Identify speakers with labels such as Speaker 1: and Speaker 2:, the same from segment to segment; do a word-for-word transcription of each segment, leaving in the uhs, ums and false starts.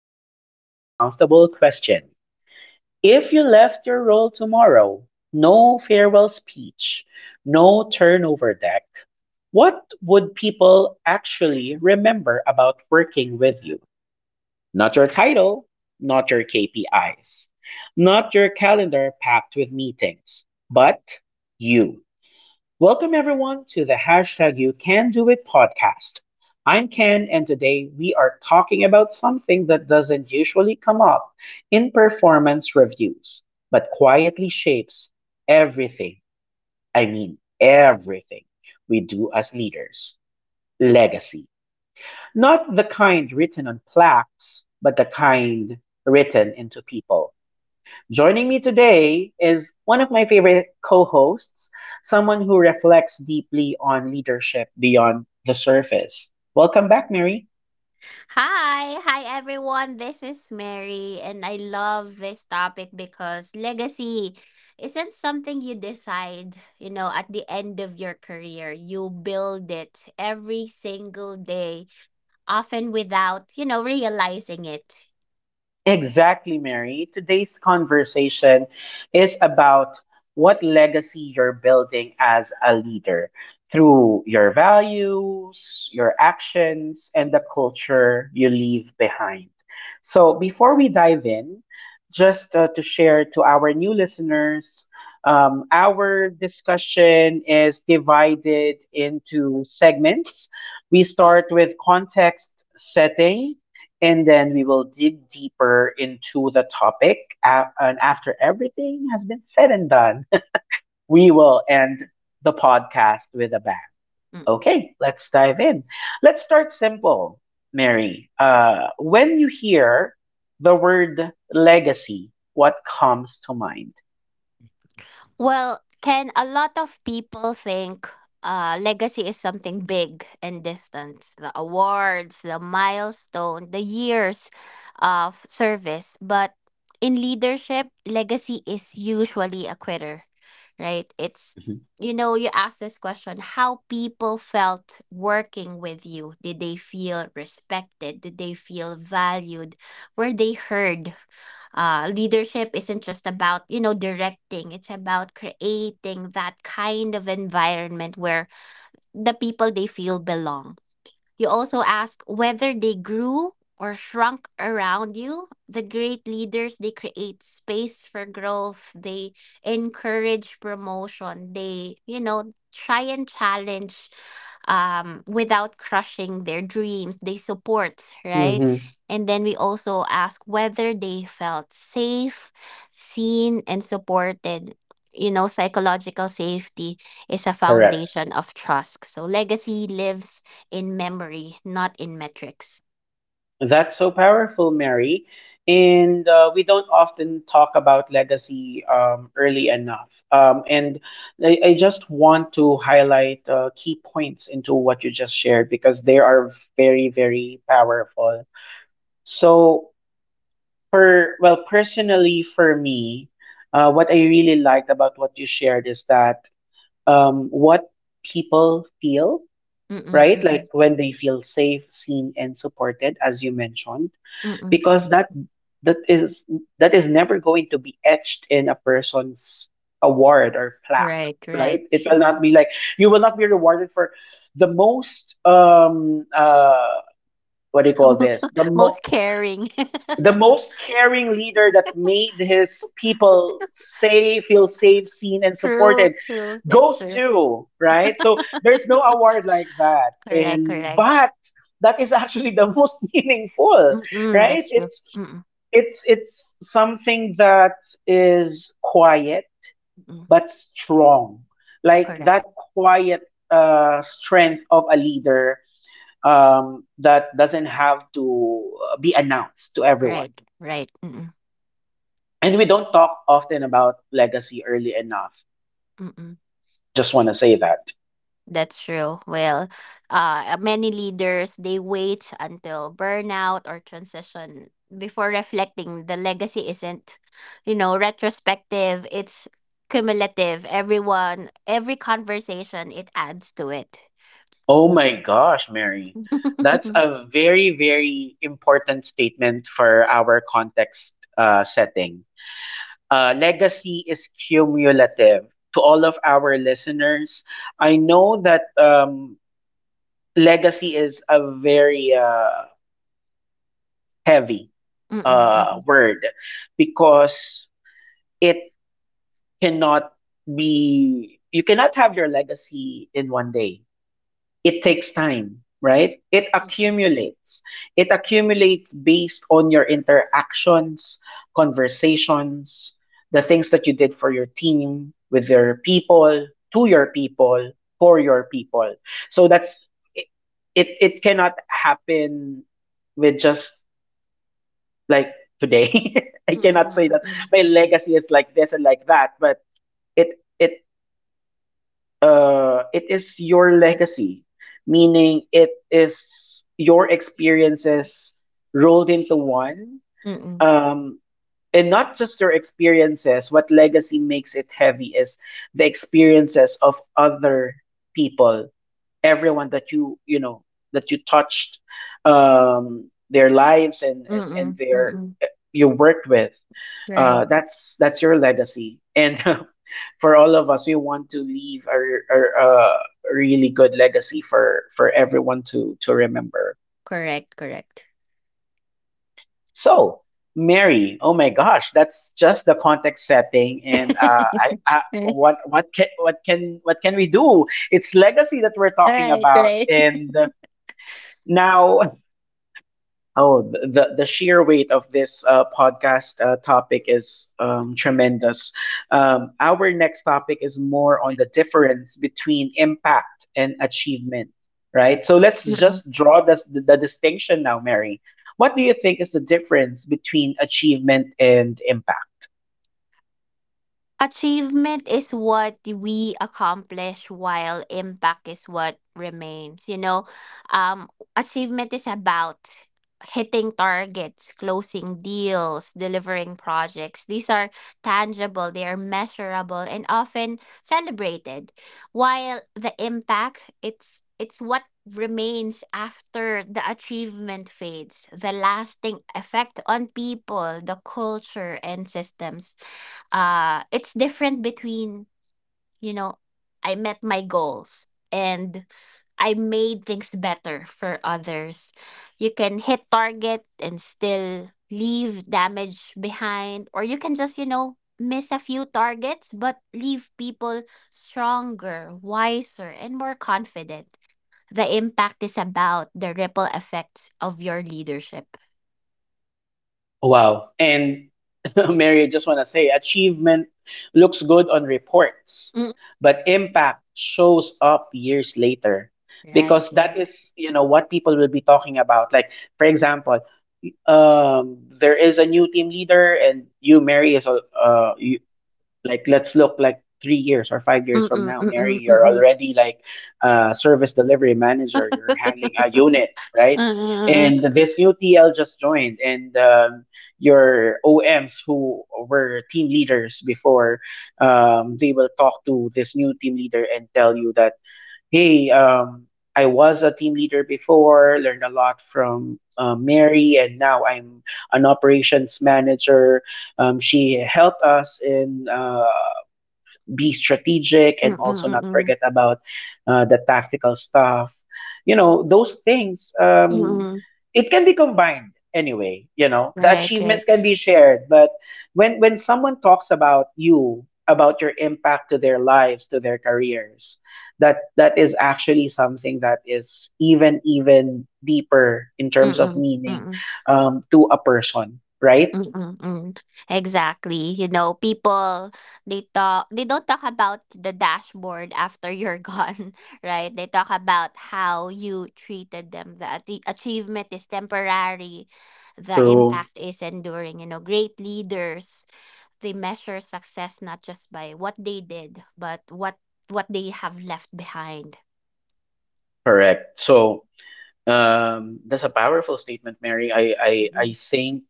Speaker 1: with a slightly uncomfortable question. If you left your role tomorrow, no farewell speech, no turnover deck, what would people actually remember about working with you? Not your title, not your K P Is, not your calendar packed with meetings, but you. Welcome everyone to the hashtag You Can Do It podcast. I'm Ken, and today we are talking about something that doesn't usually come up in performance reviews, but quietly shapes everything. I mean, everything we do as leaders legacy. Not the kind written on plaques, but the kind written into people. Joining me today is one of my favorite co hosts, someone who reflects deeply on leadership beyond the surface. Welcome back, Mary.
Speaker 2: Hi, hi everyone. This is Mary, and I love this topic because legacy isn't something you decide, you know, at the end of your career. You build it every single day, often without, you know, realizing it.
Speaker 1: Exactly, Mary. Today's conversation is about what legacy you're building as a leader through your values, your actions, and the culture you leave behind. So, before we dive in, just uh, to share to our new listeners, um, our discussion is divided into segments. We start with context setting and then we will dig deeper into the topic. A- and after everything has been said and done, we will end the podcast with a bang. Okay, let's dive in. Let's start simple, Mary. Uh, when you hear the word legacy, what comes to mind?
Speaker 2: Well, Ken, a lot of people think uh, legacy is something big and distant, the awards, the milestone, the years of service. But in leadership, legacy is usually a quitter, right? It's, you know, you ask this question, how people felt working with you. Did they feel respected? Did they feel valued? Were they heard? Uh, leadership isn't just about you know directing, it's about creating that kind of environment where the people, they feel belong. You also ask whether they grew or shrunk around you. The great leaders, they create space for growth. They encourage promotion. They, you know, try and challenge um, without crushing their dreams. They support, right?
Speaker 1: Hmm.
Speaker 2: And then we also ask whether they felt safe, seen, and supported. You know, psychological safety is a foundation of trust. So legacy lives in memory, not in metrics.
Speaker 1: That's so powerful, Mary. And uh, we don't often talk about legacy um, early enough. Um, and I, I just want to highlight uh, key points into what you just shared because they are very, very powerful. So, per well, personally for me, uh, what I really liked about what you shared is that um, what people feel,
Speaker 2: Mm-mm,
Speaker 1: right?
Speaker 2: mm-mm,
Speaker 1: Like when they feel safe, seen, and supported, as you mentioned
Speaker 2: mm-mm.
Speaker 1: because that that is that is never going to be etched in a person's award or plaque.
Speaker 2: Right,
Speaker 1: Right,
Speaker 2: right,
Speaker 1: it will
Speaker 2: true.
Speaker 1: not be like you will not be rewarded for the most um uh what do you call this, the mo
Speaker 2: Most caring.
Speaker 1: the most caring leader that made his people say feel safe, seen, and
Speaker 2: True,
Speaker 1: supported
Speaker 2: true. That's
Speaker 1: goes
Speaker 2: true.
Speaker 1: to, right? So there's no award like that.
Speaker 2: Correct,
Speaker 1: And
Speaker 2: correct.
Speaker 1: but that is actually the most meaningful,
Speaker 2: Mm-mm,
Speaker 1: right?
Speaker 2: that's true.
Speaker 1: it's
Speaker 2: Mm-mm,
Speaker 1: it's it's something that is quiet
Speaker 2: mm-mm.
Speaker 1: but strong. Like
Speaker 2: Correct.
Speaker 1: that quiet uh, strength of a leader um, that doesn't have to uh, be announced to everyone.
Speaker 2: Right, right. Mm-mm,
Speaker 1: And we don't talk often about legacy early enough.
Speaker 2: mm-mm.
Speaker 1: Just want to say that.
Speaker 2: That's true. Well, uh, many leaders, they wait until burnout or transition before reflecting. The legacy isn't, you know, retrospective. It's cumulative. Everyone, every conversation, it adds to it.
Speaker 1: Oh my gosh, Mary. That's a very, very important statement for our context uh, setting. Uh, legacy is cumulative. To all of our listeners, I know that um, legacy is a very uh, heavy
Speaker 2: Mm-mm,
Speaker 1: uh,
Speaker 2: mm-mm,
Speaker 1: word because it cannot be, you cannot have your legacy in one day. It takes time, right? It
Speaker 2: mm-mm,
Speaker 1: accumulates. It accumulates based on your interactions, conversations, the things that you did for your team, with your people, to your people, for your people. So that's it. It, it cannot happen with just like today. I cannot say that
Speaker 2: mm-mm,
Speaker 1: my legacy is like this and like that, but it it uh, it is your legacy, meaning it is your experiences rolled into one.
Speaker 2: mm-mm, mm-mm,
Speaker 1: Um, and not just your experiences, what legacy makes it heavy is the experiences of other people, everyone that you you know that you touched um their lives and and, and,
Speaker 2: mm-mm,
Speaker 1: their
Speaker 2: mm-mm.
Speaker 1: you worked with. uh
Speaker 2: Right.
Speaker 1: that's that's your legacy. And for all of us we want to leave a, a, a really good legacy for for everyone to to remember.
Speaker 2: Correct. Correct.
Speaker 1: So Mary, oh my gosh, that's just the context setting. And uh I, I
Speaker 2: All
Speaker 1: what what can what can what can we do? It's legacy that we're talking
Speaker 2: right.
Speaker 1: about.
Speaker 2: Right.
Speaker 1: And now oh, th- the the sheer weight of this uh, podcast uh, topic is um, tremendous. Um, our next topic is more on the difference between impact and achievement, right? So let's just draw the the distinction now, Mary. What do you think is the difference between achievement and impact?
Speaker 2: Achievement is what we accomplish, while impact is what remains. you know um Achievement is about hitting targets, closing deals, delivering projects. These are tangible, they are measurable, and often celebrated, while the impact, it's it's what remains after the achievement fades, the lasting effect on people, the culture and systems. Uh it's different between, you know I met my goals, and I made things better for others. You can hit target and still leave damage behind, or you can just, you know, miss a few targets, but leave people stronger, wiser, and more confident. The impact is about the ripple effects of your leadership.
Speaker 1: Oh, wow. And Mary, I just want to say achievement looks good on reports,
Speaker 2: Mm.
Speaker 1: but impact shows up years later
Speaker 2: Right,
Speaker 1: because that
Speaker 2: right.
Speaker 1: is, you know, what people will be talking about. Like, for example, um, there is a new team leader, and you, Mary, is a, uh, like, let's look like three years or five years from
Speaker 2: Mm-mm,
Speaker 1: now, Mary,
Speaker 2: mm-mm,
Speaker 1: you're
Speaker 2: mm-mm.
Speaker 1: already like a service delivery manager. You're handling a unit, right?
Speaker 2: Mm-mm, mm-mm,
Speaker 1: And this new T L just joined, and um, your O Ms who were team leaders before, um, they will talk to this new team leader and tell you that, hey, um, I was a team leader before, learned a lot from uh, Mary, and now I'm an operations manager. Um, she helped us in uh, be strategic and
Speaker 2: mm-mm,
Speaker 1: also not
Speaker 2: mm-mm.
Speaker 1: forget about uh, the tactical stuff. You know, those things, um,
Speaker 2: Mm,
Speaker 1: it can be combined anyway. You know, the
Speaker 2: right,
Speaker 1: achievements
Speaker 2: right.
Speaker 1: can be shared, but when when someone talks about you, about your impact to their lives, to their careers, that that is actually something that is even even deeper in terms of
Speaker 2: Mm,
Speaker 1: meaning
Speaker 2: mm,
Speaker 1: um, to a person, right?
Speaker 2: mm, mm. Exactly. You know, people, they talk they don't talk about the dashboard after you're gone, right? They talk about how you treated them. The ati- achievement is temporary. The
Speaker 1: True.
Speaker 2: impact is enduring. You know, great leaders, they measure success not just by what they did, but what what they have left behind.
Speaker 1: Correct. So um, that's a powerful statement, Mary. I, I, I
Speaker 2: Mm-mm,
Speaker 1: think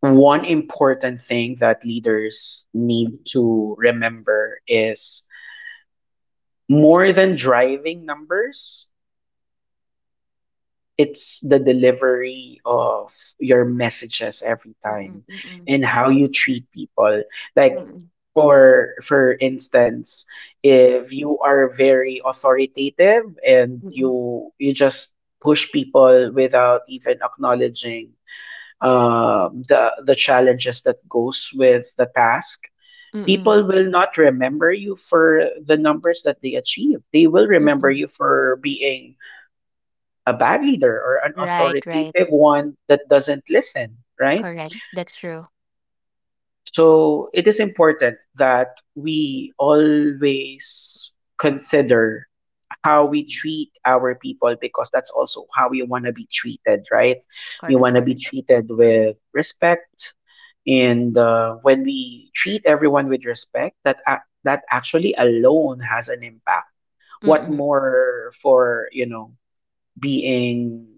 Speaker 1: one important thing that leaders need to remember is more than driving numbers, it's the delivery of your messages every
Speaker 2: mm-mm,
Speaker 1: time
Speaker 2: mm-mm,
Speaker 1: and how you treat people, like for for instance if you are very authoritative and
Speaker 2: mm-mm,
Speaker 1: you you just push people without even acknowledging um, the the challenges that goes with the task,
Speaker 2: mm-mm,
Speaker 1: people will not remember you for the numbers that they achieve, they will remember
Speaker 2: mm-mm.
Speaker 1: you for being a bad leader or an
Speaker 2: Right, right.
Speaker 1: authoritative one that doesn't listen, right?
Speaker 2: Correct. That's true.
Speaker 1: So it is important that we always consider how we treat our people because that's also how we want to be treated, right? We
Speaker 2: Correct,
Speaker 1: want to be
Speaker 2: correct.
Speaker 1: treated with respect. And uh, when we treat everyone with respect, that ac- that actually alone has an impact. What
Speaker 2: Mm-mm.
Speaker 1: more for, you know, being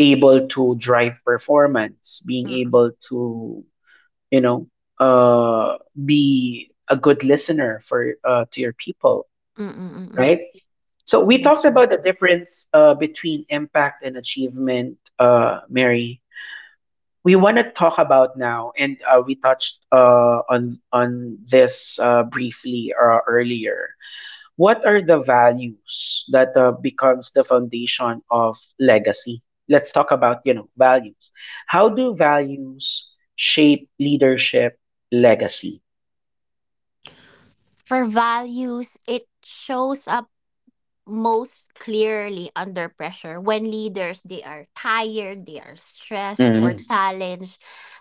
Speaker 1: able to drive performance, being
Speaker 2: Mm-mm.
Speaker 1: able to, you know, uh, be a good listener for uh, to your people,
Speaker 2: Mm-mm. Mm-mm.
Speaker 1: right? So we
Speaker 2: That's
Speaker 1: talked
Speaker 2: true.
Speaker 1: about the difference uh, between impact and achievement, uh, Mary. We want to talk about now, and uh, we touched uh, on on this uh, briefly uh, earlier, what are the values that uh, becomes the foundation of legacy. Let's talk about, you know, values. How do values shape leadership legacy?
Speaker 2: For values, it shows up most clearly under pressure, when leaders, they are tired they are stressed or
Speaker 1: Mhm.
Speaker 2: challenged.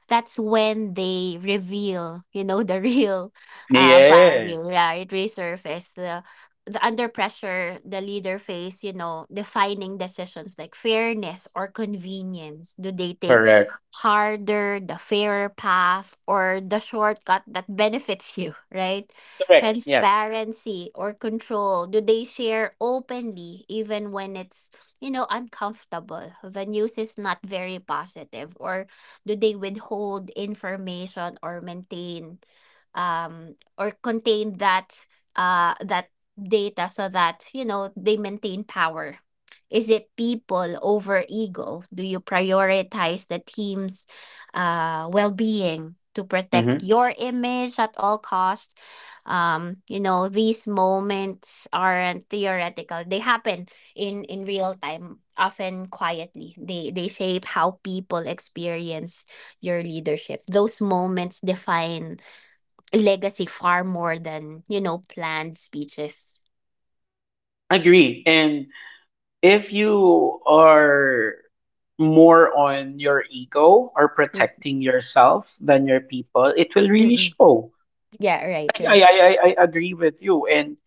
Speaker 2: That's when they reveal, you know, the real uh, value,
Speaker 1: Yes.
Speaker 2: right, resurface. The the under pressure, the leader face, you know, defining decisions like fairness or convenience. Do they take
Speaker 1: Correct,
Speaker 2: harder, the fairer path, or the shortcut that benefits you, right?
Speaker 1: correct. Yes.
Speaker 2: Transparency or control, do they share openly even when it's, you know, uncomfortable, the news is not very positive, or do they withhold information or maintain, um or contain that uh that data, so that, you know, they maintain power. Is it people over ego? Do you prioritize the team's uh well-being to protect
Speaker 1: Mhm.
Speaker 2: your image at all costs? Um you know, these moments aren't theoretical, they happen in in real time, often quietly. They they shape how people experience your leadership. Those moments define legacy far more than, you know, planned speeches.
Speaker 1: Agree. And if you are more on your ego or
Speaker 2: Mm,
Speaker 1: protecting yourself than your people, it will really
Speaker 2: mm-mm.
Speaker 1: show.
Speaker 2: Yeah, right,
Speaker 1: i i
Speaker 2: right.
Speaker 1: i, I I agree with you. And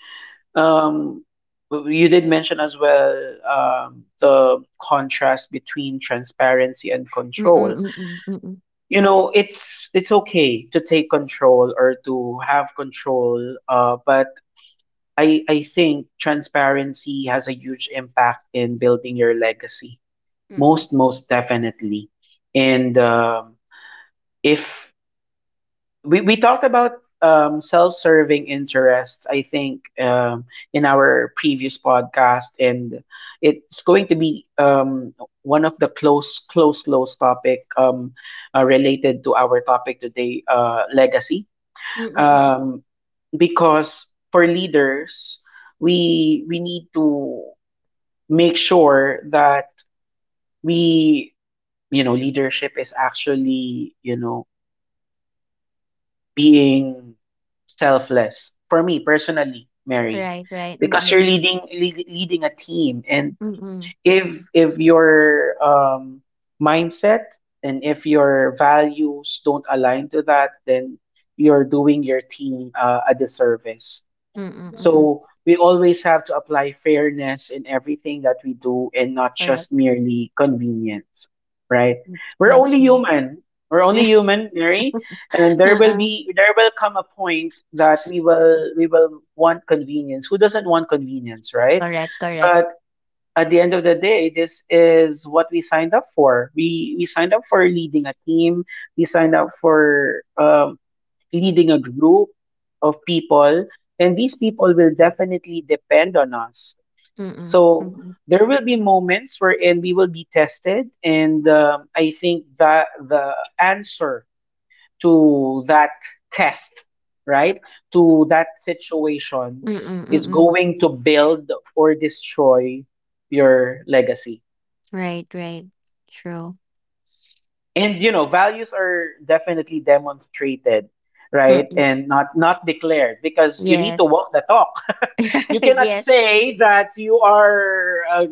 Speaker 1: Um, w- you did mention as well um, the contrast between transparency and control.
Speaker 2: Mm-mm, mm-mm, mm-mm,
Speaker 1: You know, it's it's okay to take control or to have control, uh, but I I think transparency has a huge impact in building your legacy.
Speaker 2: mm-mm,
Speaker 1: Most most definitely, and um, if we, we talked about um, self-serving interests, I think um, in our previous podcast, and it's going to be um, one of the close close close topic um, uh, related to our topic today, uh, legacy,
Speaker 2: mm-mm, mm mm, mm, mm, mm, mm.
Speaker 1: um, because for leaders we we need to make sure that we, you know, leadership is actually, you know, being selfless, for me personally Mary,
Speaker 2: Right, right.
Speaker 1: because you're
Speaker 2: Mm-mm,
Speaker 1: leading lead, leading a team. And
Speaker 2: mm-mm,
Speaker 1: if if your um mindset and if your values don't align to that, then you're doing your team uh, a disservice.
Speaker 2: mm-mm, mm-mm.
Speaker 1: So we always have to apply fairness in everything that we do and not
Speaker 2: Correct,
Speaker 1: just merely convenience, right? We're
Speaker 2: that's
Speaker 1: only
Speaker 2: true.
Speaker 1: human. We're only human, Mary, and there will
Speaker 2: Uh-uh.
Speaker 1: be there will come a point that we will we will want convenience. Who doesn't want convenience, right?
Speaker 2: Correct, correct.
Speaker 1: At the end of the day, this is what we signed up for. We we signed up for leading a team. We signed up for um, leading a group of people, and these people will definitely depend on us.
Speaker 2: Mm-mm.
Speaker 1: So
Speaker 2: Mm-mm.
Speaker 1: there will be moments wherein we will be tested, and um, I think that the answer to that test, right, to that situation
Speaker 2: Mm,
Speaker 1: is
Speaker 2: mm.
Speaker 1: going to build or destroy your legacy.
Speaker 2: Right, right. True.
Speaker 1: And you know, values are definitely demonstrated, right?
Speaker 2: Mm-mm.
Speaker 1: And not not declared because you need to
Speaker 2: Yes.
Speaker 1: walk the talk. You cannot
Speaker 2: Yes.
Speaker 1: say that you are uh,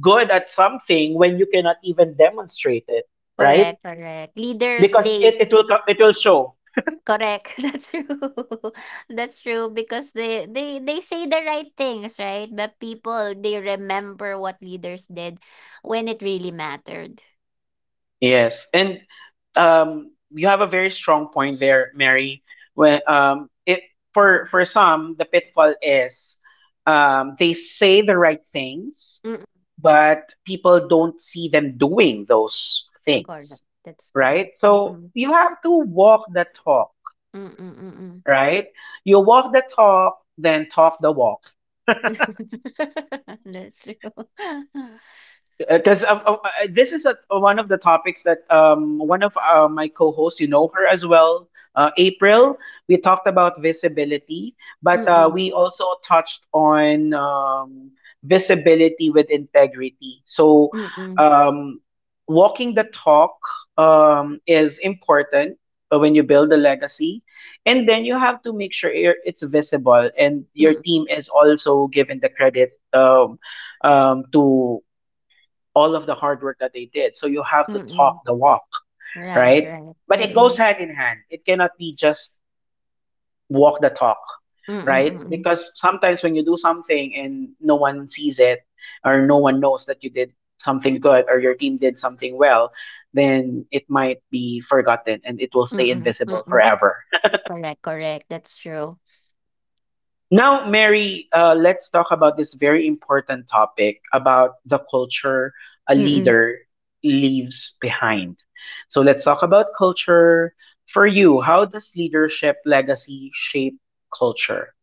Speaker 1: good at something when you cannot even demonstrate it, right?
Speaker 2: Correct, correct. Leaders,
Speaker 1: Because it,
Speaker 2: they
Speaker 1: it will
Speaker 2: s-
Speaker 1: co- it will show.
Speaker 2: correct. That's true. That's true, because they they they say the right things, right? But people, they remember what leaders did when it really mattered.
Speaker 1: Yes, and um, you have a very strong point there, Mary. When um, it for for some, the pitfall is um, they say the right things,
Speaker 2: Mm-mm.
Speaker 1: but people don't see them doing those
Speaker 2: Correct.
Speaker 1: things,
Speaker 2: That's true.
Speaker 1: right? So
Speaker 2: Mm-mm.
Speaker 1: you have to walk the talk,
Speaker 2: Mm-mm, mm-mm.
Speaker 1: right? You walk the talk, then talk the walk.
Speaker 2: That's true.
Speaker 1: Because uh, uh, uh, this is a, one of the topics that um, one of uh, my co-hosts, you know her as well, uh, April. We talked about visibility, but uh,
Speaker 2: Mm-mm.
Speaker 1: we also touched on um, visibility with integrity. So,
Speaker 2: Mm-mm.
Speaker 1: um, walking the talk um, is important uh, when you build a legacy, and then you have to make sure you're- it's visible and your
Speaker 2: Mm-mm.
Speaker 1: team is also given the credit um, um, to all of the hard work that they did. So you have to
Speaker 2: Mm-mm.
Speaker 1: talk the walk,
Speaker 2: Right,
Speaker 1: right?
Speaker 2: right.
Speaker 1: But
Speaker 2: Mm,
Speaker 1: it goes
Speaker 2: mm.
Speaker 1: hand in hand. It cannot be just walk the talk,
Speaker 2: Mm, mm,
Speaker 1: right?
Speaker 2: mm.
Speaker 1: Because sometimes when you do something and no one sees it or no one knows that you did something good or your team did something well, then it might be forgotten and it will stay
Speaker 2: Mm, mm,
Speaker 1: invisible
Speaker 2: mm.
Speaker 1: forever.
Speaker 2: Correct, correct, that's true.
Speaker 1: Now, Mary, uh, let's talk about this very important topic about the culture a
Speaker 2: Mm, mm.
Speaker 1: leader leaves behind. So, let's talk about culture. For you, how does leadership legacy shape culture?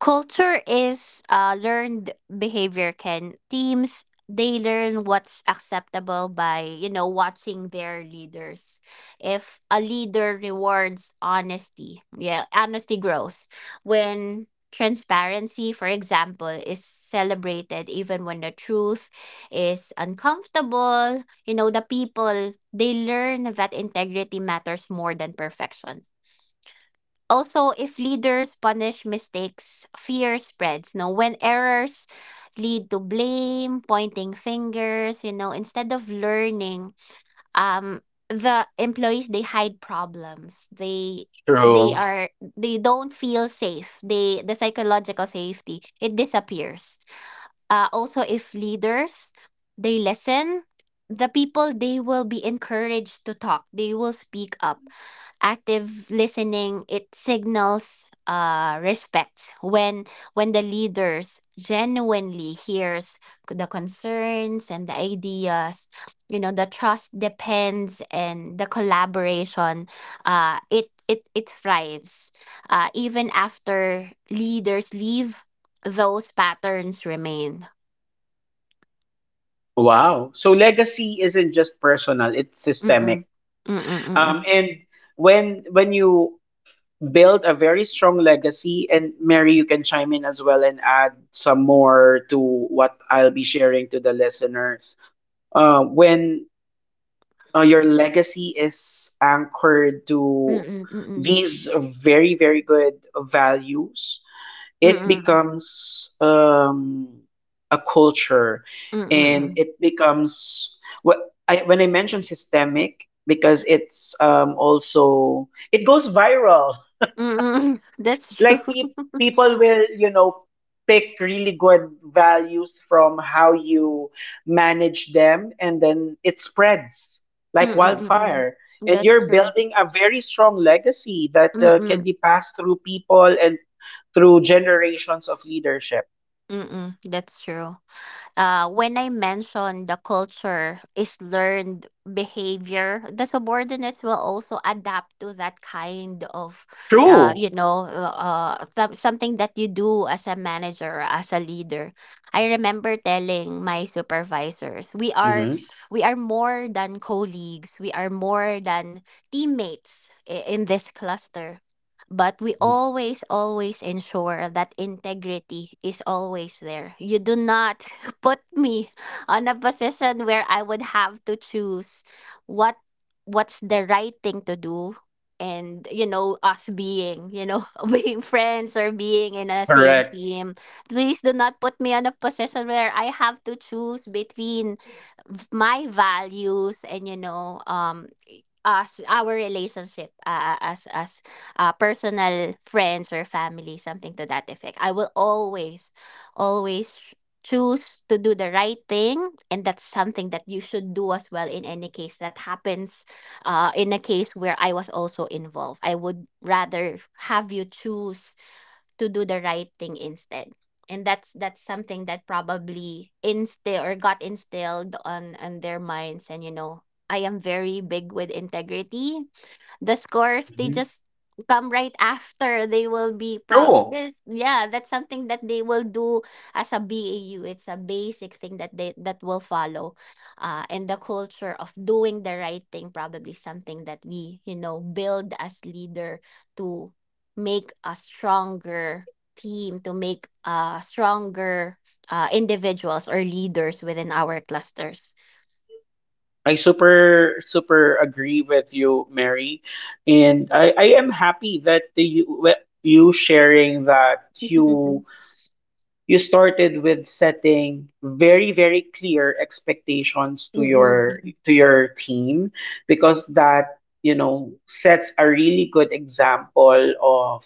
Speaker 2: Culture is uh, learned behavior, Ken. Teams, they learn what's acceptable by, you know, watching their leaders. If a leader rewards honesty, yeah, honesty grows. When transparency, for example, is celebrated, even when the truth is uncomfortable, you know, the people, they learn that integrity matters more than perfection. Also, if leaders punish mistakes, fear spreads. No, when errors lead to blame, pointing fingers, you know, instead of learning, um the employees, they hide problems. they they
Speaker 1: True.
Speaker 2: are they don't feel safe, they the psychological safety, it disappears. Uh, also, if leaders, they listen, the people, they will be encouraged to talk, they will speak up. Active listening, it signals uh, respect. When when the leaders genuinely hears the concerns and the ideas, you know, the trust depends and the collaboration, uh, it it it thrives. Uh, even after leaders leave, those patterns remain.
Speaker 1: Wow. So, legacy isn't just personal, it's
Speaker 2: Mm-mm.
Speaker 1: systemic.
Speaker 2: Mm-mm,
Speaker 1: Um,
Speaker 2: mm-mm.
Speaker 1: and when when you build a very strong legacy, and Mary, you can chime in as well and add some more to what I'll be sharing to the listeners uh, when uh, your legacy is anchored to
Speaker 2: Mm-mm, mm-mm.
Speaker 1: these very very good values. It
Speaker 2: Mm-mm,
Speaker 1: becomes um, a culture, and
Speaker 2: mm-mm,
Speaker 1: it becomes what I, when I mention systemic, because it's um, also, it goes viral
Speaker 2: mm-mm. That's true.
Speaker 1: like pe- people will you know pick really good values from how you manage them, and then it spreads like
Speaker 2: Mm,
Speaker 1: wildfire,
Speaker 2: mm.
Speaker 1: and
Speaker 2: That's
Speaker 1: you're
Speaker 2: true.
Speaker 1: building a very strong legacy that uh, can
Speaker 2: Mm,
Speaker 1: be passed through people and through generations of leadership.
Speaker 2: mm. That's true. Uh, when I mentioned the culture is learned behavior, the subordinates will also adapt to that kind of, uh,
Speaker 1: True.
Speaker 2: you know, uh, th- something that you do as a manager, as a leader. I remember telling my supervisors, we are,
Speaker 1: Hmm.
Speaker 2: we are more than colleagues. We are more than teammates i- in this cluster. But we always, always ensure that integrity is always there. You do not put me on a position where I would have to choose what what's the right thing to do, and you know, us being, you know, being friends or being in a same
Speaker 1: Correct.
Speaker 2: team, please do not put me on a position where I have to choose between v- my values and, you know, um, us, our relationship, uh, uh, as as uh, personal friends or family, something to that effect. I will always always choose to do the right thing, and that's something that you should do as well in any case that happens. Uh, in a case where I was also involved, I would rather have you choose to do the right thing instead. And that's that's something that probably instill or got instilled on on their minds. And you know, I am very big with integrity. The scores, they
Speaker 1: Mhm.
Speaker 2: just come right after. They will be prop.
Speaker 1: True.
Speaker 2: Yes, yeah, that's something that they will do as a B A U. It's a basic thing that they that will follow, uh, and the culture of doing the right thing, probably something that we, you know, build as leader to make a stronger team, to make uh, stronger uh, individuals or leaders within our clusters.
Speaker 1: I super super agree with you, Mary, and I I am happy that the, you with you sharing that
Speaker 2: Mm-mm,
Speaker 1: you you started with setting very very clear expectations to your
Speaker 2: mm-mm,
Speaker 1: to your team, because that, you know, sets a really good example of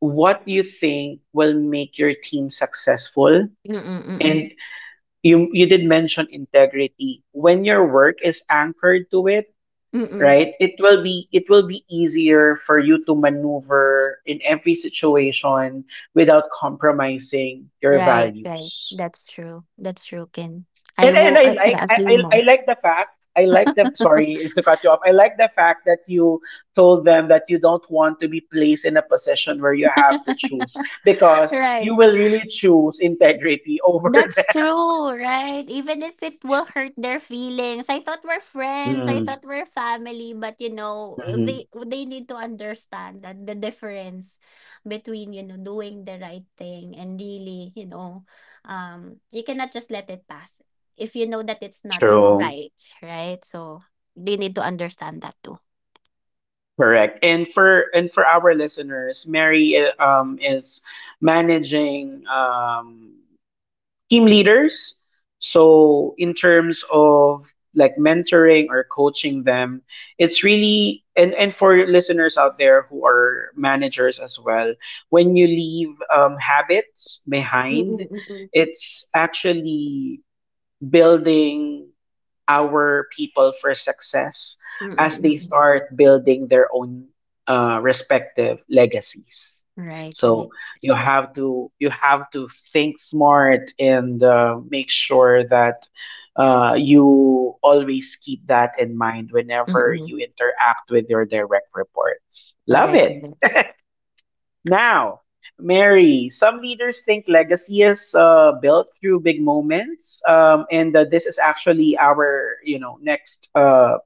Speaker 1: what you think will make your team successful.
Speaker 2: mm-mm,
Speaker 1: And you you did mention integrity. When your work is anchored to it,
Speaker 2: mm-mm.
Speaker 1: right, it will be, it will be easier for you to maneuver in every situation without compromising your
Speaker 2: Right, right.
Speaker 1: values.
Speaker 2: That's true. That's true, Ken. I
Speaker 1: And and
Speaker 2: will,
Speaker 1: I
Speaker 2: I can
Speaker 1: like I
Speaker 2: agree
Speaker 1: I, I
Speaker 2: more.
Speaker 1: like the fact, I like the, sorry is to cut you off, I like the fact that you told them that you don't want to be placed in a position where you have to choose because
Speaker 2: Right.
Speaker 1: you will really choose integrity over
Speaker 2: That's true, right? Even if it will hurt their feelings. I thought we're friends. I
Speaker 1: them.
Speaker 2: thought we're family. But you know,
Speaker 1: Mm-hmm.
Speaker 2: they they need to understand that the difference between, you know, doing the right thing and really, you know, um, you cannot just let it pass if you know that it's not
Speaker 1: True.
Speaker 2: right, right? So they need to understand that too.
Speaker 1: Correct. And for and for our listeners, Mary uh, um, is managing um, team leaders. So in terms of like mentoring or coaching them, it's really, and and for listeners out there who are managers as well, when you leave um, habits behind,
Speaker 2: Mm-mm-mm.
Speaker 1: it's actually building our people for success as they start building their own uh, respective legacies.
Speaker 2: Right, right.
Speaker 1: So you have to you have to think smart and uh, make sure that uh, you always keep that in mind whenever
Speaker 2: Mm-mm.
Speaker 1: you interact with your direct reports. Love
Speaker 2: Correct.
Speaker 1: it.
Speaker 2: Correct.
Speaker 1: Now, Mary, some leaders think legacy is uh, built through big moments, um, and uh, this is actually our, you know, next uh,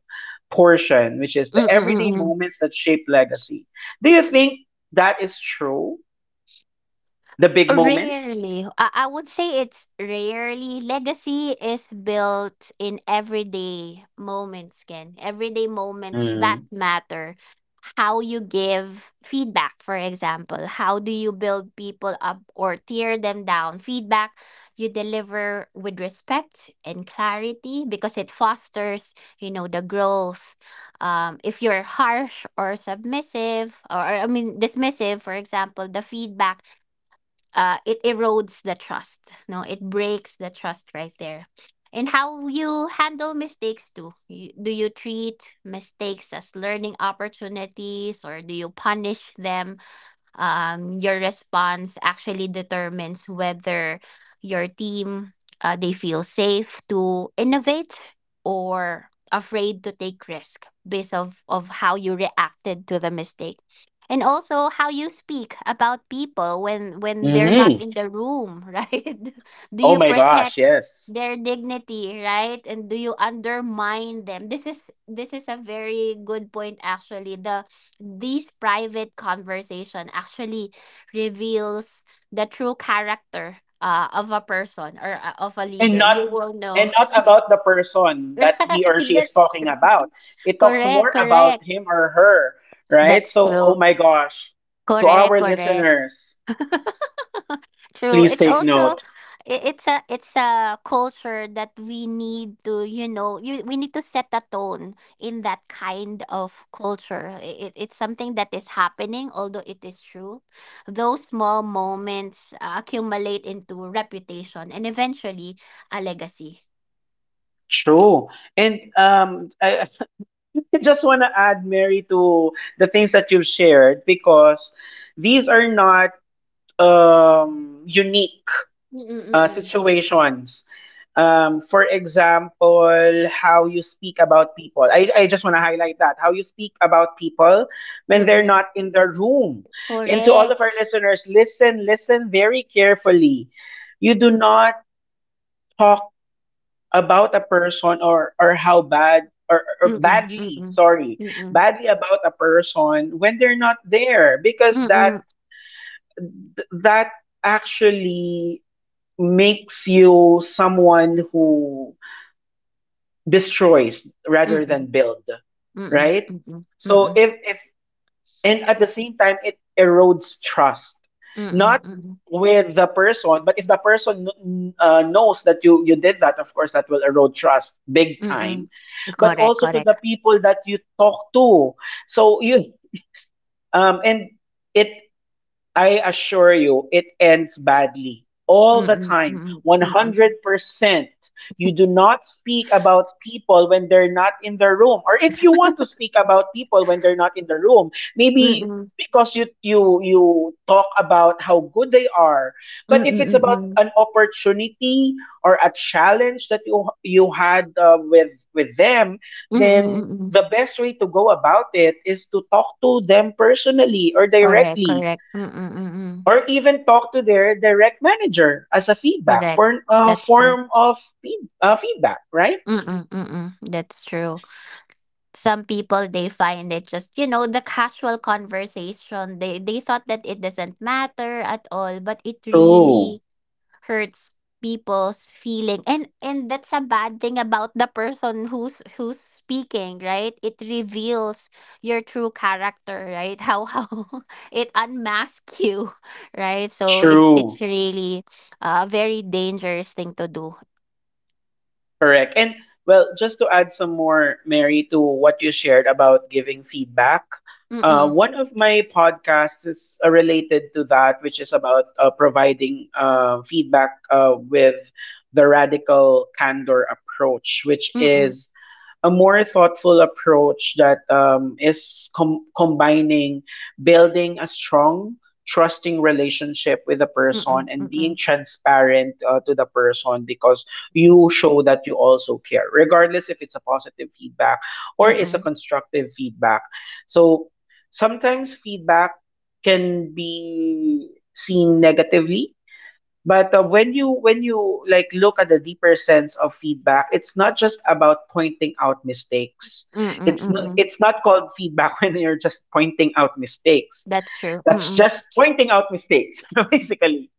Speaker 1: portion, which is the everyday
Speaker 2: Mm-mm-mm.
Speaker 1: moments that shape legacy. Do you think that is true? The big moments?
Speaker 2: Rarely. I, I would say it's rarely. Legacy is built in everyday moments, Ken. Everyday moments that
Speaker 1: Mm.
Speaker 2: matter. How you give feedback, for example. How do you build people up or tear them down? Feedback you deliver with respect and clarity, because it fosters, you know, the growth. Um, if you're harsh or submissive, or or, I mean, dismissive, for example, the feedback, uh, it erodes the trust. No, it breaks the trust right there. And how you handle mistakes too. You, do you treat mistakes as learning opportunities, or do you punish them? Um, your response actually determines whether your team, uh, they feel safe to innovate or afraid to take risk, based of, of how you reacted to the mistake. And also, how you speak about people when when they're not
Speaker 1: Hmm.
Speaker 2: in the room. Right, do
Speaker 1: Oh
Speaker 2: you
Speaker 1: my gosh,
Speaker 2: protect
Speaker 1: yes.
Speaker 2: their dignity, right, and do you undermine them? This is this is a very good point, actually. The these private conversation actually reveals the true character uh, of a person, or uh, of a
Speaker 1: And
Speaker 2: leader.
Speaker 1: not,
Speaker 2: You will know.
Speaker 1: and not about the person that he or
Speaker 2: Right.
Speaker 1: she is
Speaker 2: That's
Speaker 1: talking
Speaker 2: true.
Speaker 1: about. It talks
Speaker 2: Correct,
Speaker 1: more about
Speaker 2: correct.
Speaker 1: him or her, right?
Speaker 2: That's
Speaker 1: So, oh
Speaker 2: true.
Speaker 1: my gosh, to
Speaker 2: Correct,
Speaker 1: our
Speaker 2: correct.
Speaker 1: listeners,
Speaker 2: True.
Speaker 1: please
Speaker 2: It's
Speaker 1: take
Speaker 2: also,
Speaker 1: note.
Speaker 2: i- it's a, it's a culture that we need to, you know, you we need to set the tone in that kind of culture. It, it's something that is happening, although it is true. Those small moments uh, accumulate into reputation and eventually a legacy.
Speaker 1: True. And um, I, I just want to add, Mary, to the things that you've shared, because these are not um, unique uh,
Speaker 2: Mm-mm-mm.
Speaker 1: situations. Um, for example, how you speak about people. I, I just want to highlight that how you speak about people when they're
Speaker 2: Mm-mm.
Speaker 1: not in the room. And to all of our
Speaker 2: Correct.
Speaker 1: listeners, listen, listen very carefully. You do not talk about a person, or, or how bad, or, or
Speaker 2: Mm-mm.
Speaker 1: badly,
Speaker 2: Mm-mm.
Speaker 1: sorry,
Speaker 2: Mm-mm.
Speaker 1: badly about a person when they're not there, because that,
Speaker 2: Mm-mm.
Speaker 1: that actually makes you someone who destroys rather than
Speaker 2: Mm-mm.
Speaker 1: build,
Speaker 2: Mm-mm.
Speaker 1: right?
Speaker 2: Mm-mm.
Speaker 1: So
Speaker 2: Mm-mm.
Speaker 1: if if and at the same time it erodes trust,
Speaker 2: Mm-mm.
Speaker 1: not
Speaker 2: Mm-mm.
Speaker 1: with the person, but if the person kn- uh, knows that you you did that, of course that will erode trust big
Speaker 2: Mm-mm.
Speaker 1: time, but
Speaker 2: Correct,
Speaker 1: also to the
Speaker 2: correct.
Speaker 1: people that you talk to. So you um and it I assure you, it ends badly all the
Speaker 2: Mm,
Speaker 1: time,
Speaker 2: mm, mm.
Speaker 1: one hundred percent. You do not speak about people when they're not in the room, or if you want to speak about people when they're not in the room, maybe
Speaker 2: Mm.
Speaker 1: because you you you talk about how good they are,
Speaker 2: Mm,
Speaker 1: but if it's
Speaker 2: mm,
Speaker 1: about
Speaker 2: mm.
Speaker 1: an opportunity or a challenge that you you had uh, with with them,
Speaker 2: Mm,
Speaker 1: then
Speaker 2: mm.
Speaker 1: the best way to go about it is to talk to them personally or
Speaker 2: Correct,
Speaker 1: directly,
Speaker 2: correct. Mm, mm.
Speaker 1: or even talk to their direct manager as a feedback
Speaker 2: Correct.
Speaker 1: for uh,
Speaker 2: That's true.
Speaker 1: form of feed, uh, feedback, right?
Speaker 2: Mm, mm. That's true. Some people they find it just, you know, the casual conversation. They they thought that it doesn't matter at all, but it
Speaker 1: True.
Speaker 2: really hurts people's feeling, and and that's a bad thing about the person who's who's speaking. Right, it reveals your true character. Right, how how it unmasks you. Right, so it's
Speaker 1: True.
Speaker 2: it's really a very dangerous thing to do.
Speaker 1: Correct. And well, just to add some more, Mary, to what you shared about giving feedback, uh,
Speaker 2: Mm-mm,
Speaker 1: one of my podcasts is uh, related to that, which is about uh, providing uh, feedback uh, with the radical candor approach, which
Speaker 2: mm-mm,
Speaker 1: is a more thoughtful approach that um, is com- combining building a strong, trusting relationship with the person
Speaker 2: mm-mm,
Speaker 1: and being
Speaker 2: mm-mm,
Speaker 1: transparent uh, to the person, because you show that you also care, regardless if it's a positive feedback or it's a
Speaker 2: mm-mm,
Speaker 1: constructive feedback. So sometimes feedback can be seen negatively, but uh, when you when you like look at the deeper sense of feedback, it's not just about pointing out mistakes.
Speaker 2: mm-mm,
Speaker 1: It's not,
Speaker 2: mm-mm.
Speaker 1: it's not called feedback when you're just pointing out mistakes.
Speaker 2: That's true.
Speaker 1: That's
Speaker 2: Mm-mm.
Speaker 1: just pointing out mistakes, basically.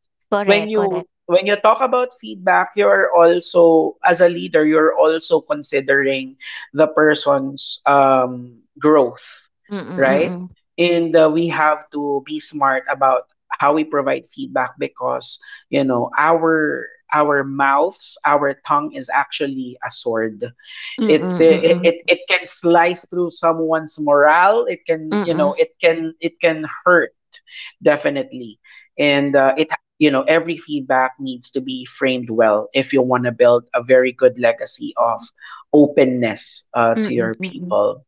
Speaker 1: When
Speaker 2: Correct,
Speaker 1: you
Speaker 2: correct.
Speaker 1: when you talk about feedback, you're also, as a leader, you're also considering the person's um growth,
Speaker 2: Mm-mm,
Speaker 1: right?
Speaker 2: mm-mm,
Speaker 1: And uh, we have to be smart about how we provide feedback, because you know, our our mouths, our tongue is actually a sword. it
Speaker 2: mm-mm,
Speaker 1: it it can slice through someone's morale, it can, you
Speaker 2: mm-mm,
Speaker 1: know, it can it can hurt definitely. And uh, it you know, every feedback needs to be framed well if you want to build a very good legacy
Speaker 2: mm-mm,
Speaker 1: of openness uh, to
Speaker 2: mm-mm,
Speaker 1: your
Speaker 2: mm-mm.
Speaker 1: people.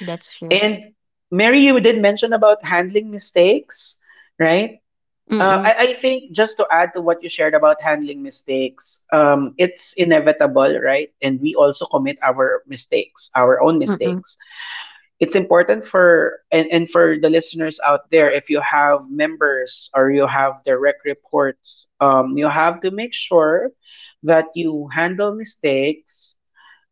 Speaker 2: That's true.
Speaker 1: And Mary, you did mention about handling mistakes, right? uh,
Speaker 2: Mm-mm.
Speaker 1: I, I think just to add to what you shared about handling mistakes, um, it's inevitable, right? And we also commit our mistakes, our own
Speaker 2: Mm-mm.
Speaker 1: mistakes. It's important for, and, and for the listeners out there, if you have members or you have direct reports, um, you have to make sure that you handle mistakes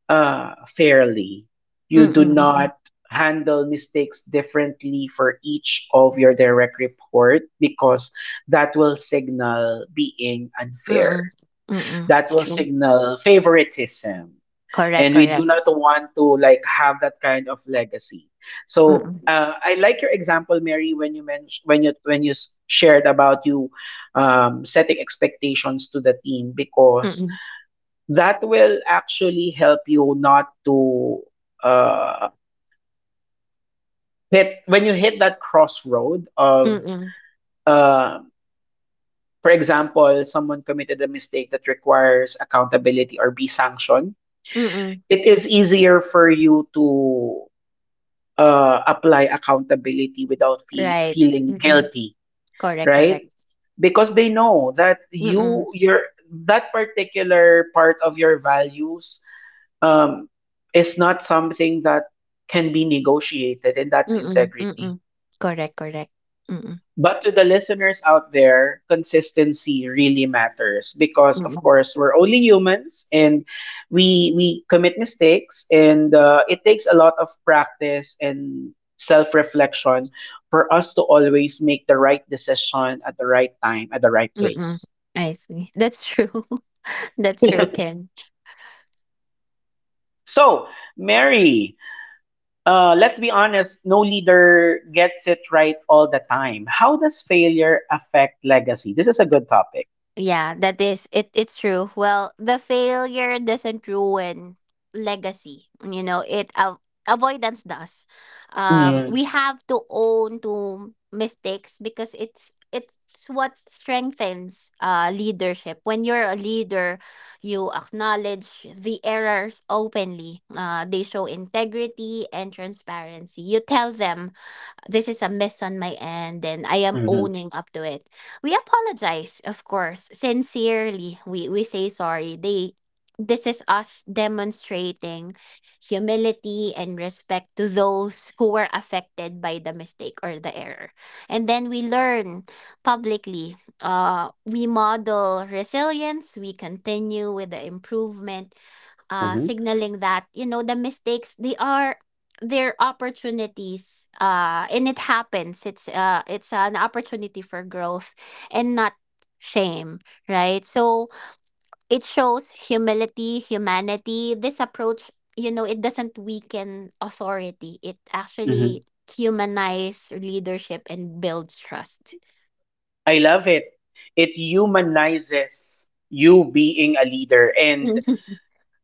Speaker 1: uh, fairly.
Speaker 2: Mm,
Speaker 1: You do
Speaker 2: mm, mm.
Speaker 1: not handle mistakes differently for each of your direct report, because that will signal being
Speaker 2: Mm,
Speaker 1: unfair.
Speaker 2: mm.
Speaker 1: That will signal favoritism.
Speaker 2: Correct,
Speaker 1: And we do not
Speaker 2: correct.
Speaker 1: want to like have that kind of legacy. So
Speaker 2: Mm,
Speaker 1: uh, I like your example, Mary, when you mentioned when you when you s- shared about you um, setting expectations to the team, because
Speaker 2: mm.
Speaker 1: that will actually help you not to uh, hit when you hit that crossroad of,
Speaker 2: Mm,
Speaker 1: uh, for example, someone committed a mistake that requires accountability or be sanctioned.
Speaker 2: mm.
Speaker 1: It is easier for you to uh, apply accountability without fe-
Speaker 2: Right.
Speaker 1: feeling
Speaker 2: Mm.
Speaker 1: guilty,
Speaker 2: Correct, correct.
Speaker 1: right? Because they know that
Speaker 2: Mm,
Speaker 1: you your that particular part of your values um, is not something that can be negotiated, and that's
Speaker 2: mm,
Speaker 1: integrity.
Speaker 2: mm. Correct, correct. Mm,
Speaker 1: But to the listeners out there, consistency really matters, because of
Speaker 2: mm.
Speaker 1: course, we're only humans, and we we commit mistakes, and uh, it takes a lot of practice and self reflection for us to always make the right decision at the right time at the right
Speaker 2: Mm.
Speaker 1: place.
Speaker 2: I see. That's true. That's true, Ken.
Speaker 1: So, Mary, Uh, let's be honest, no leader gets it right all the time. How does failure affect legacy? This is a good topic.
Speaker 2: Yeah, that is, it it's true. Well, the failure doesn't ruin legacy. You know, it av- avoidance does. Um
Speaker 1: Mm,
Speaker 2: we have to own to mistakes because it's it's what strengthens uh leadership. When you're a leader, you acknowledge the errors openly. Uh they show integrity and transparency. You tell them this is a miss on my end and I am
Speaker 1: mhm,
Speaker 2: owning up to it. We apologize, of course. Sincerely, we we say sorry. They This is us demonstrating humility and respect to those who were affected by the mistake or the error. And then we learn publicly. Uh we model resilience, we continue with the improvement, uh
Speaker 1: mhm,
Speaker 2: signaling that, you know, the mistakes, they are their opportunities, uh and it happens. It's uh it's an opportunity for growth and not shame. Right, so it shows humility, humanity, this approach. You know, it doesn't weaken authority, it
Speaker 1: mhm.
Speaker 2: actually humanize leadership and builds trust.
Speaker 1: I love it. It humanizes you being a leader. And
Speaker 2: Mm-mm.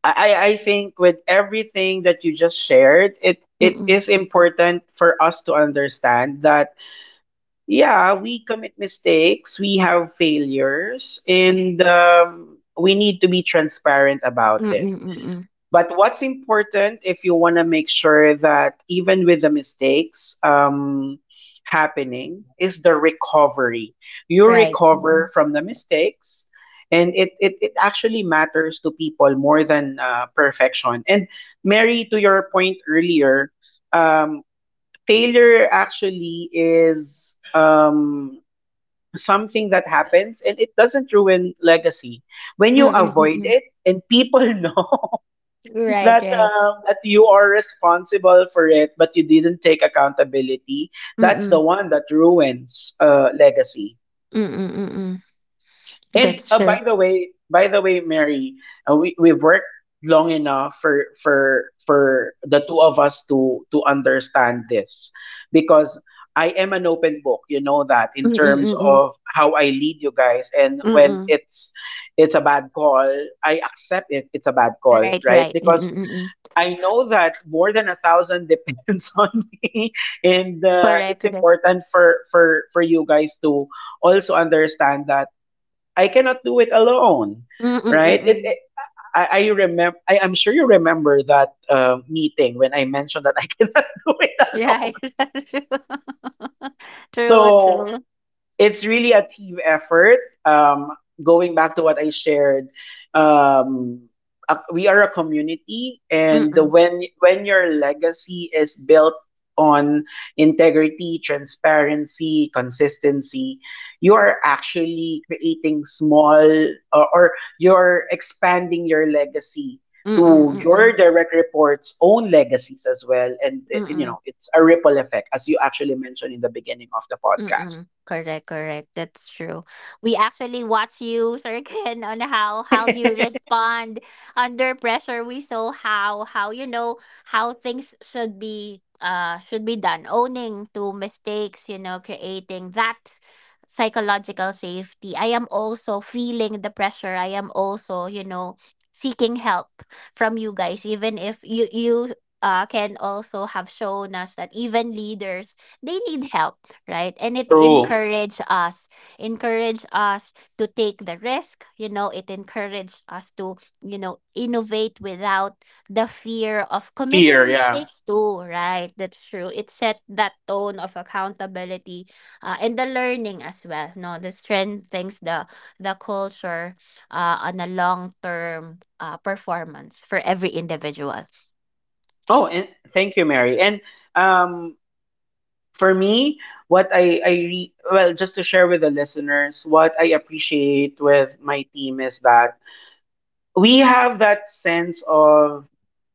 Speaker 1: I, I I think with everything that you just shared, it, it
Speaker 2: Mm-mm.
Speaker 1: is important for us to understand that yeah, we commit mistakes, we have failures, and um, we need to be transparent about it.
Speaker 2: Mm-mm. Mm-mm.
Speaker 1: But what's important, if you want to make sure that even with the mistakes um, happening, is the recovery. You
Speaker 2: Right.
Speaker 1: recover
Speaker 2: Mm-mm.
Speaker 1: from the mistakes, and it, it, it actually matters to people more than uh, perfection. And Mary, to your point earlier, um, failure actually is um, something that happens, and it doesn't ruin legacy. When you
Speaker 2: Mm-mm.
Speaker 1: avoid
Speaker 2: Mm-mm.
Speaker 1: it, and people know
Speaker 2: Right,
Speaker 1: that
Speaker 2: right.
Speaker 1: um, that you are responsible for it but you didn't take accountability, that's the
Speaker 2: Mm-mm.
Speaker 1: one that ruins uh legacy.
Speaker 2: Mm-mm. Mm-mm.
Speaker 1: And
Speaker 2: That's
Speaker 1: uh, by
Speaker 2: true.
Speaker 1: the way by the way Mary, uh, we, we've worked long enough for for for the two of us to to understand this, because I am an open book. You know that in
Speaker 2: Mm-mm.
Speaker 1: terms
Speaker 2: Mm-mm.
Speaker 1: of how I lead you guys, and when
Speaker 2: Mm-mm.
Speaker 1: it's it's a bad call, I accept it, it's a bad call,
Speaker 2: Right,
Speaker 1: right?
Speaker 2: right. Mm,
Speaker 1: Because
Speaker 2: mm, mm, mm.
Speaker 1: I know that more than a thousand depends on me, and
Speaker 2: Correct,
Speaker 1: uh,
Speaker 2: correct.
Speaker 1: it's important for for for you guys to also understand that I cannot do it alone,
Speaker 2: Mm, mm,
Speaker 1: right?
Speaker 2: mm,
Speaker 1: It,
Speaker 2: mm.
Speaker 1: it I, I remember. I, I'm sure you remember that uh, meeting when I mentioned that I cannot do it
Speaker 2: Right,
Speaker 1: alone.
Speaker 2: that's true. True,
Speaker 1: So
Speaker 2: true.
Speaker 1: it's really a team effort. Um, going back to what I shared, um, uh, we are a community, and
Speaker 2: Mm-mm.
Speaker 1: when when your legacy is built on integrity, transparency, consistency, you are actually creating small or, or you're expanding your legacy
Speaker 2: Mm-mm,
Speaker 1: to your
Speaker 2: mm-mm,
Speaker 1: direct reports own legacies as well and uh, you
Speaker 2: mm-mm.
Speaker 1: know it's a ripple effect as you actually mentioned in the beginning of the podcast.
Speaker 2: Mm. Correct, correct. That's true. We actually watch you, Sir Ken, on how how you respond under pressure. We saw how how you know how things should be, uh should be done. Owning to mistakes, you know, creating that psychological safety. I am also feeling the pressure. I am also, you know, seeking help from you guys, even if you you uh, can also have shown us that even leaders they need help, right? And it
Speaker 1: True.
Speaker 2: encourage us, encourage us to take the risk. You know, it encouraged us to, you know, innovate without the fear of
Speaker 1: Fear,
Speaker 2: committing
Speaker 1: yeah.
Speaker 2: mistakes too, right? That's true. It set that tone of accountability, uh, and the learning as well. No, the strengthens the the culture, uh, on a long term, uh, performance for every individual.
Speaker 1: Oh, and thank you, Mary. And um, for me, what I I re- well, just to share with the listeners, what I appreciate with my team is that we have that sense of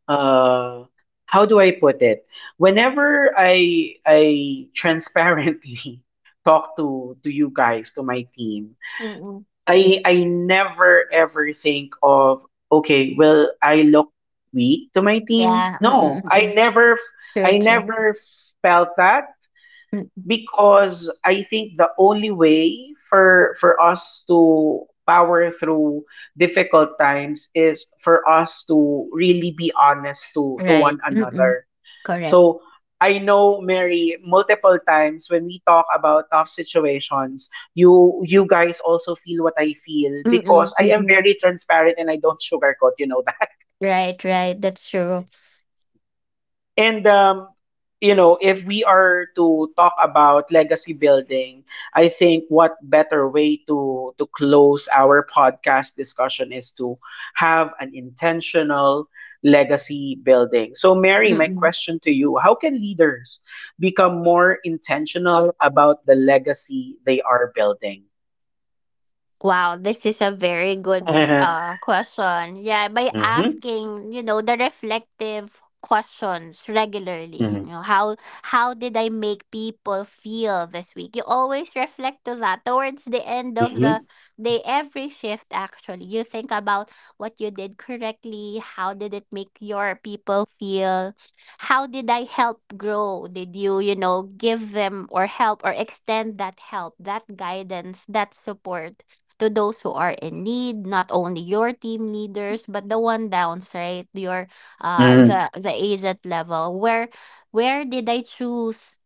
Speaker 1: uh, how do I put it? Whenever I I transparently talk to to you guys, to my team,
Speaker 2: Mm.
Speaker 1: I I never ever think of okay, will I look weak to my team.
Speaker 2: Yeah, mm,
Speaker 1: No,
Speaker 2: mm, mm.
Speaker 1: I never f-
Speaker 2: True,
Speaker 1: I
Speaker 2: true.
Speaker 1: never felt that,
Speaker 2: Mm.
Speaker 1: because I think the only way for for us to power through difficult times is for us to really be honest to to one
Speaker 2: Right. Mm.
Speaker 1: another
Speaker 2: Correct.
Speaker 1: So I know Mary, multiple times when we talk about tough situations, you you guys also feel what I feel because
Speaker 2: Mm.
Speaker 1: I am
Speaker 2: Mm.
Speaker 1: very transparent and I don't sugarcoat, you know that.
Speaker 2: Right, right. That's true.
Speaker 1: And um, you know, if we are to talk about legacy building, I think what better way to to close our podcast discussion is to have an intentional legacy building. So Mary, my
Speaker 2: Mm.
Speaker 1: question to you: how can leaders become more intentional about the legacy they are building?
Speaker 2: Wow, this is a very good uh question. Yeah, by
Speaker 1: Mhm,
Speaker 2: asking, you know, the reflective questions regularly.
Speaker 1: mhm,
Speaker 2: You know, how how did I make people feel this week? You always reflect to that towards the end of
Speaker 1: mhm,
Speaker 2: the day, every shift actually. You think about what you did correctly, how did it make your people feel? How did I help grow? Did you, you know, give them or help or extend that help, that guidance, that support? To those who are in need, not only your team leaders but the one downs, right? Your, uh
Speaker 1: mhm,
Speaker 2: the the agent level, where where did I choose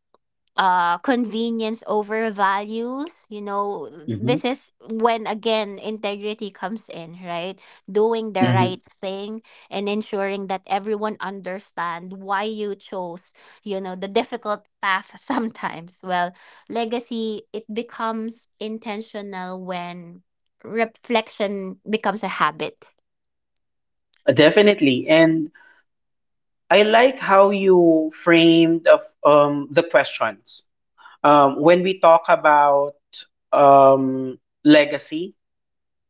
Speaker 2: uh convenience over values, you know
Speaker 1: mhm,
Speaker 2: This is when, again, integrity comes in, right? Doing the
Speaker 1: mhm.
Speaker 2: right thing and ensuring that everyone understand why you chose, you know, the difficult path sometimes. Well, legacy, it becomes intentional when reflection becomes a habit.
Speaker 1: Definitely. And I like how you framed of um, the questions um, when we talk about um, legacy,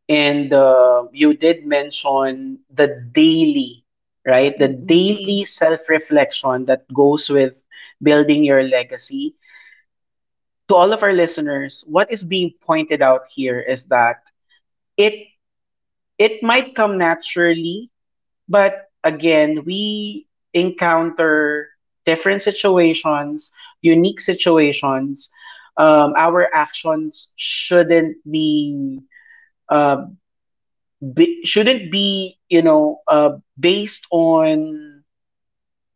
Speaker 1: and uh, you did mention the daily, right? The
Speaker 2: Mm-mm, mm-mm,
Speaker 1: daily self-reflection that goes with building your legacy. To all of our listeners, what is being pointed out here is that it it might come naturally. But again, we encounter different situations, unique situations. Um, our actions shouldn't be, uh, be shouldn't be, you know, uh, based on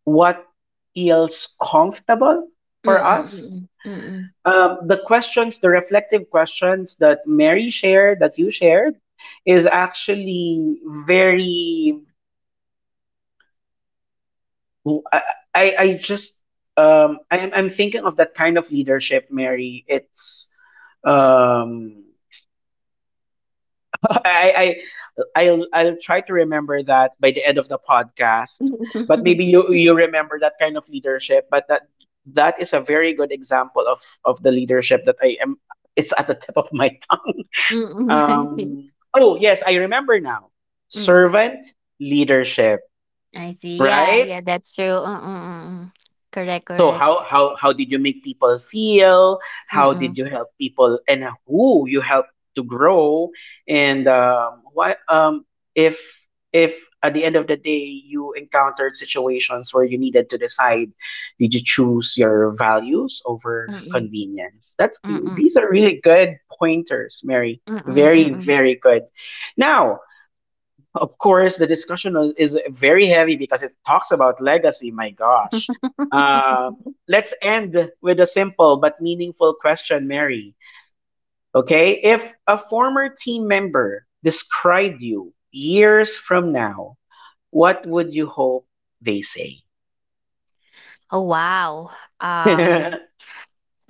Speaker 1: what feels comfortable for us.
Speaker 2: mm-mm, mm-mm,
Speaker 1: Um, the questions, the reflective questions that Mary shared, that you shared, is actually very— Who- I, I, I just um I'm I'm thinking of that kind of leadership, Mary. It's um I— I I'll I'll try to remember that by the end of the podcast. But
Speaker 2: mm-mm.
Speaker 1: maybe you you remember that kind of leadership, but that that is a very good example of of the leadership that I am— it's at the tip of my tongue.
Speaker 2: Mm-mm, I see.
Speaker 1: Um oh yes, I remember now. Servant leadership,
Speaker 2: I see. Yeah,
Speaker 1: right?
Speaker 2: yeah, that's true. Mm, mm, mm, mm. Correct,
Speaker 1: So
Speaker 2: correct.
Speaker 1: how how how did you make people feel? How
Speaker 2: Mm-mm,
Speaker 1: did you help people, and who you helped to grow? And um, why um if if at the end of the day you encountered situations where you needed to decide, did you choose your values over
Speaker 2: mm-mm,
Speaker 1: convenience? That's—
Speaker 2: mm-mm,
Speaker 1: these are really good pointers, Mary.
Speaker 2: mm-mm,
Speaker 1: Very
Speaker 2: mm-mm.
Speaker 1: very good. Now of course, the discussion was- is very heavy because it talks about legacy. My gosh. Um, let's end with a simple but meaningful question, Mary. Okay. If a former team member described you years from now, what would you hope they say?
Speaker 2: Oh, wow. Um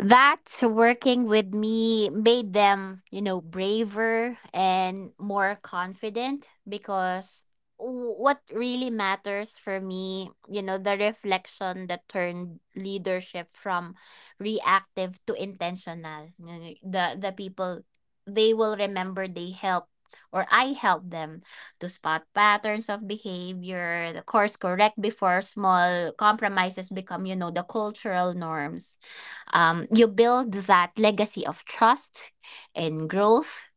Speaker 2: that working with me made them, you know, braver and more confident, because w- what really matters for me, you know, the reflection that turned leadership from reactive to intentional. You know, The the people, they will remember they helped or I helped them to spot patterns of behavior, the course correct before small compromises become, you know, the cultural norms. Um, you build that legacy of trust and growth,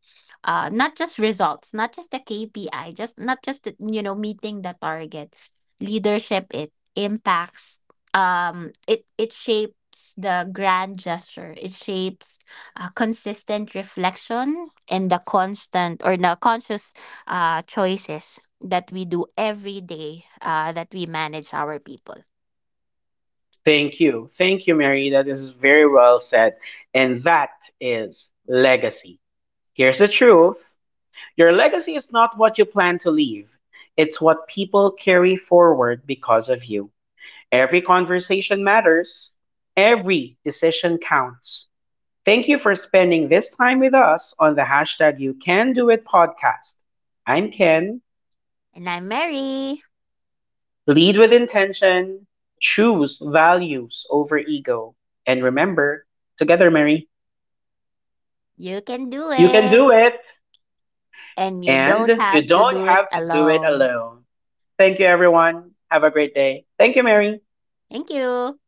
Speaker 2: uh, not just results, not just the K P I, just not just the, you know meeting the target. Leadership, it impacts. Um it it shapes the grand gesture, it shapes, uh, consistent reflection and the constant or the conscious uh, choices that we do every day, uh, that we manage our people.
Speaker 1: Thank you. Thank you, Mary. That is very well said. And that is legacy. Here's the truth: your legacy is not what you plan to leave, it's what people carry forward because of you. Every conversation matters, every decision counts. Thank you for spending this time with us on the hashtag You Can Do It podcast. I'm Ken.
Speaker 2: And I'm Mary.
Speaker 1: Lead with intention, choose values over ego, and remember, together, Mary,
Speaker 2: You can do
Speaker 1: you can do
Speaker 2: it.
Speaker 1: it,
Speaker 2: And you
Speaker 1: and
Speaker 2: don't
Speaker 1: you
Speaker 2: have to
Speaker 1: don't
Speaker 2: do it
Speaker 1: have to do it
Speaker 2: alone.
Speaker 1: alone. Thank you, everyone. Have a great day. Thank you, Mary.
Speaker 2: Thank you.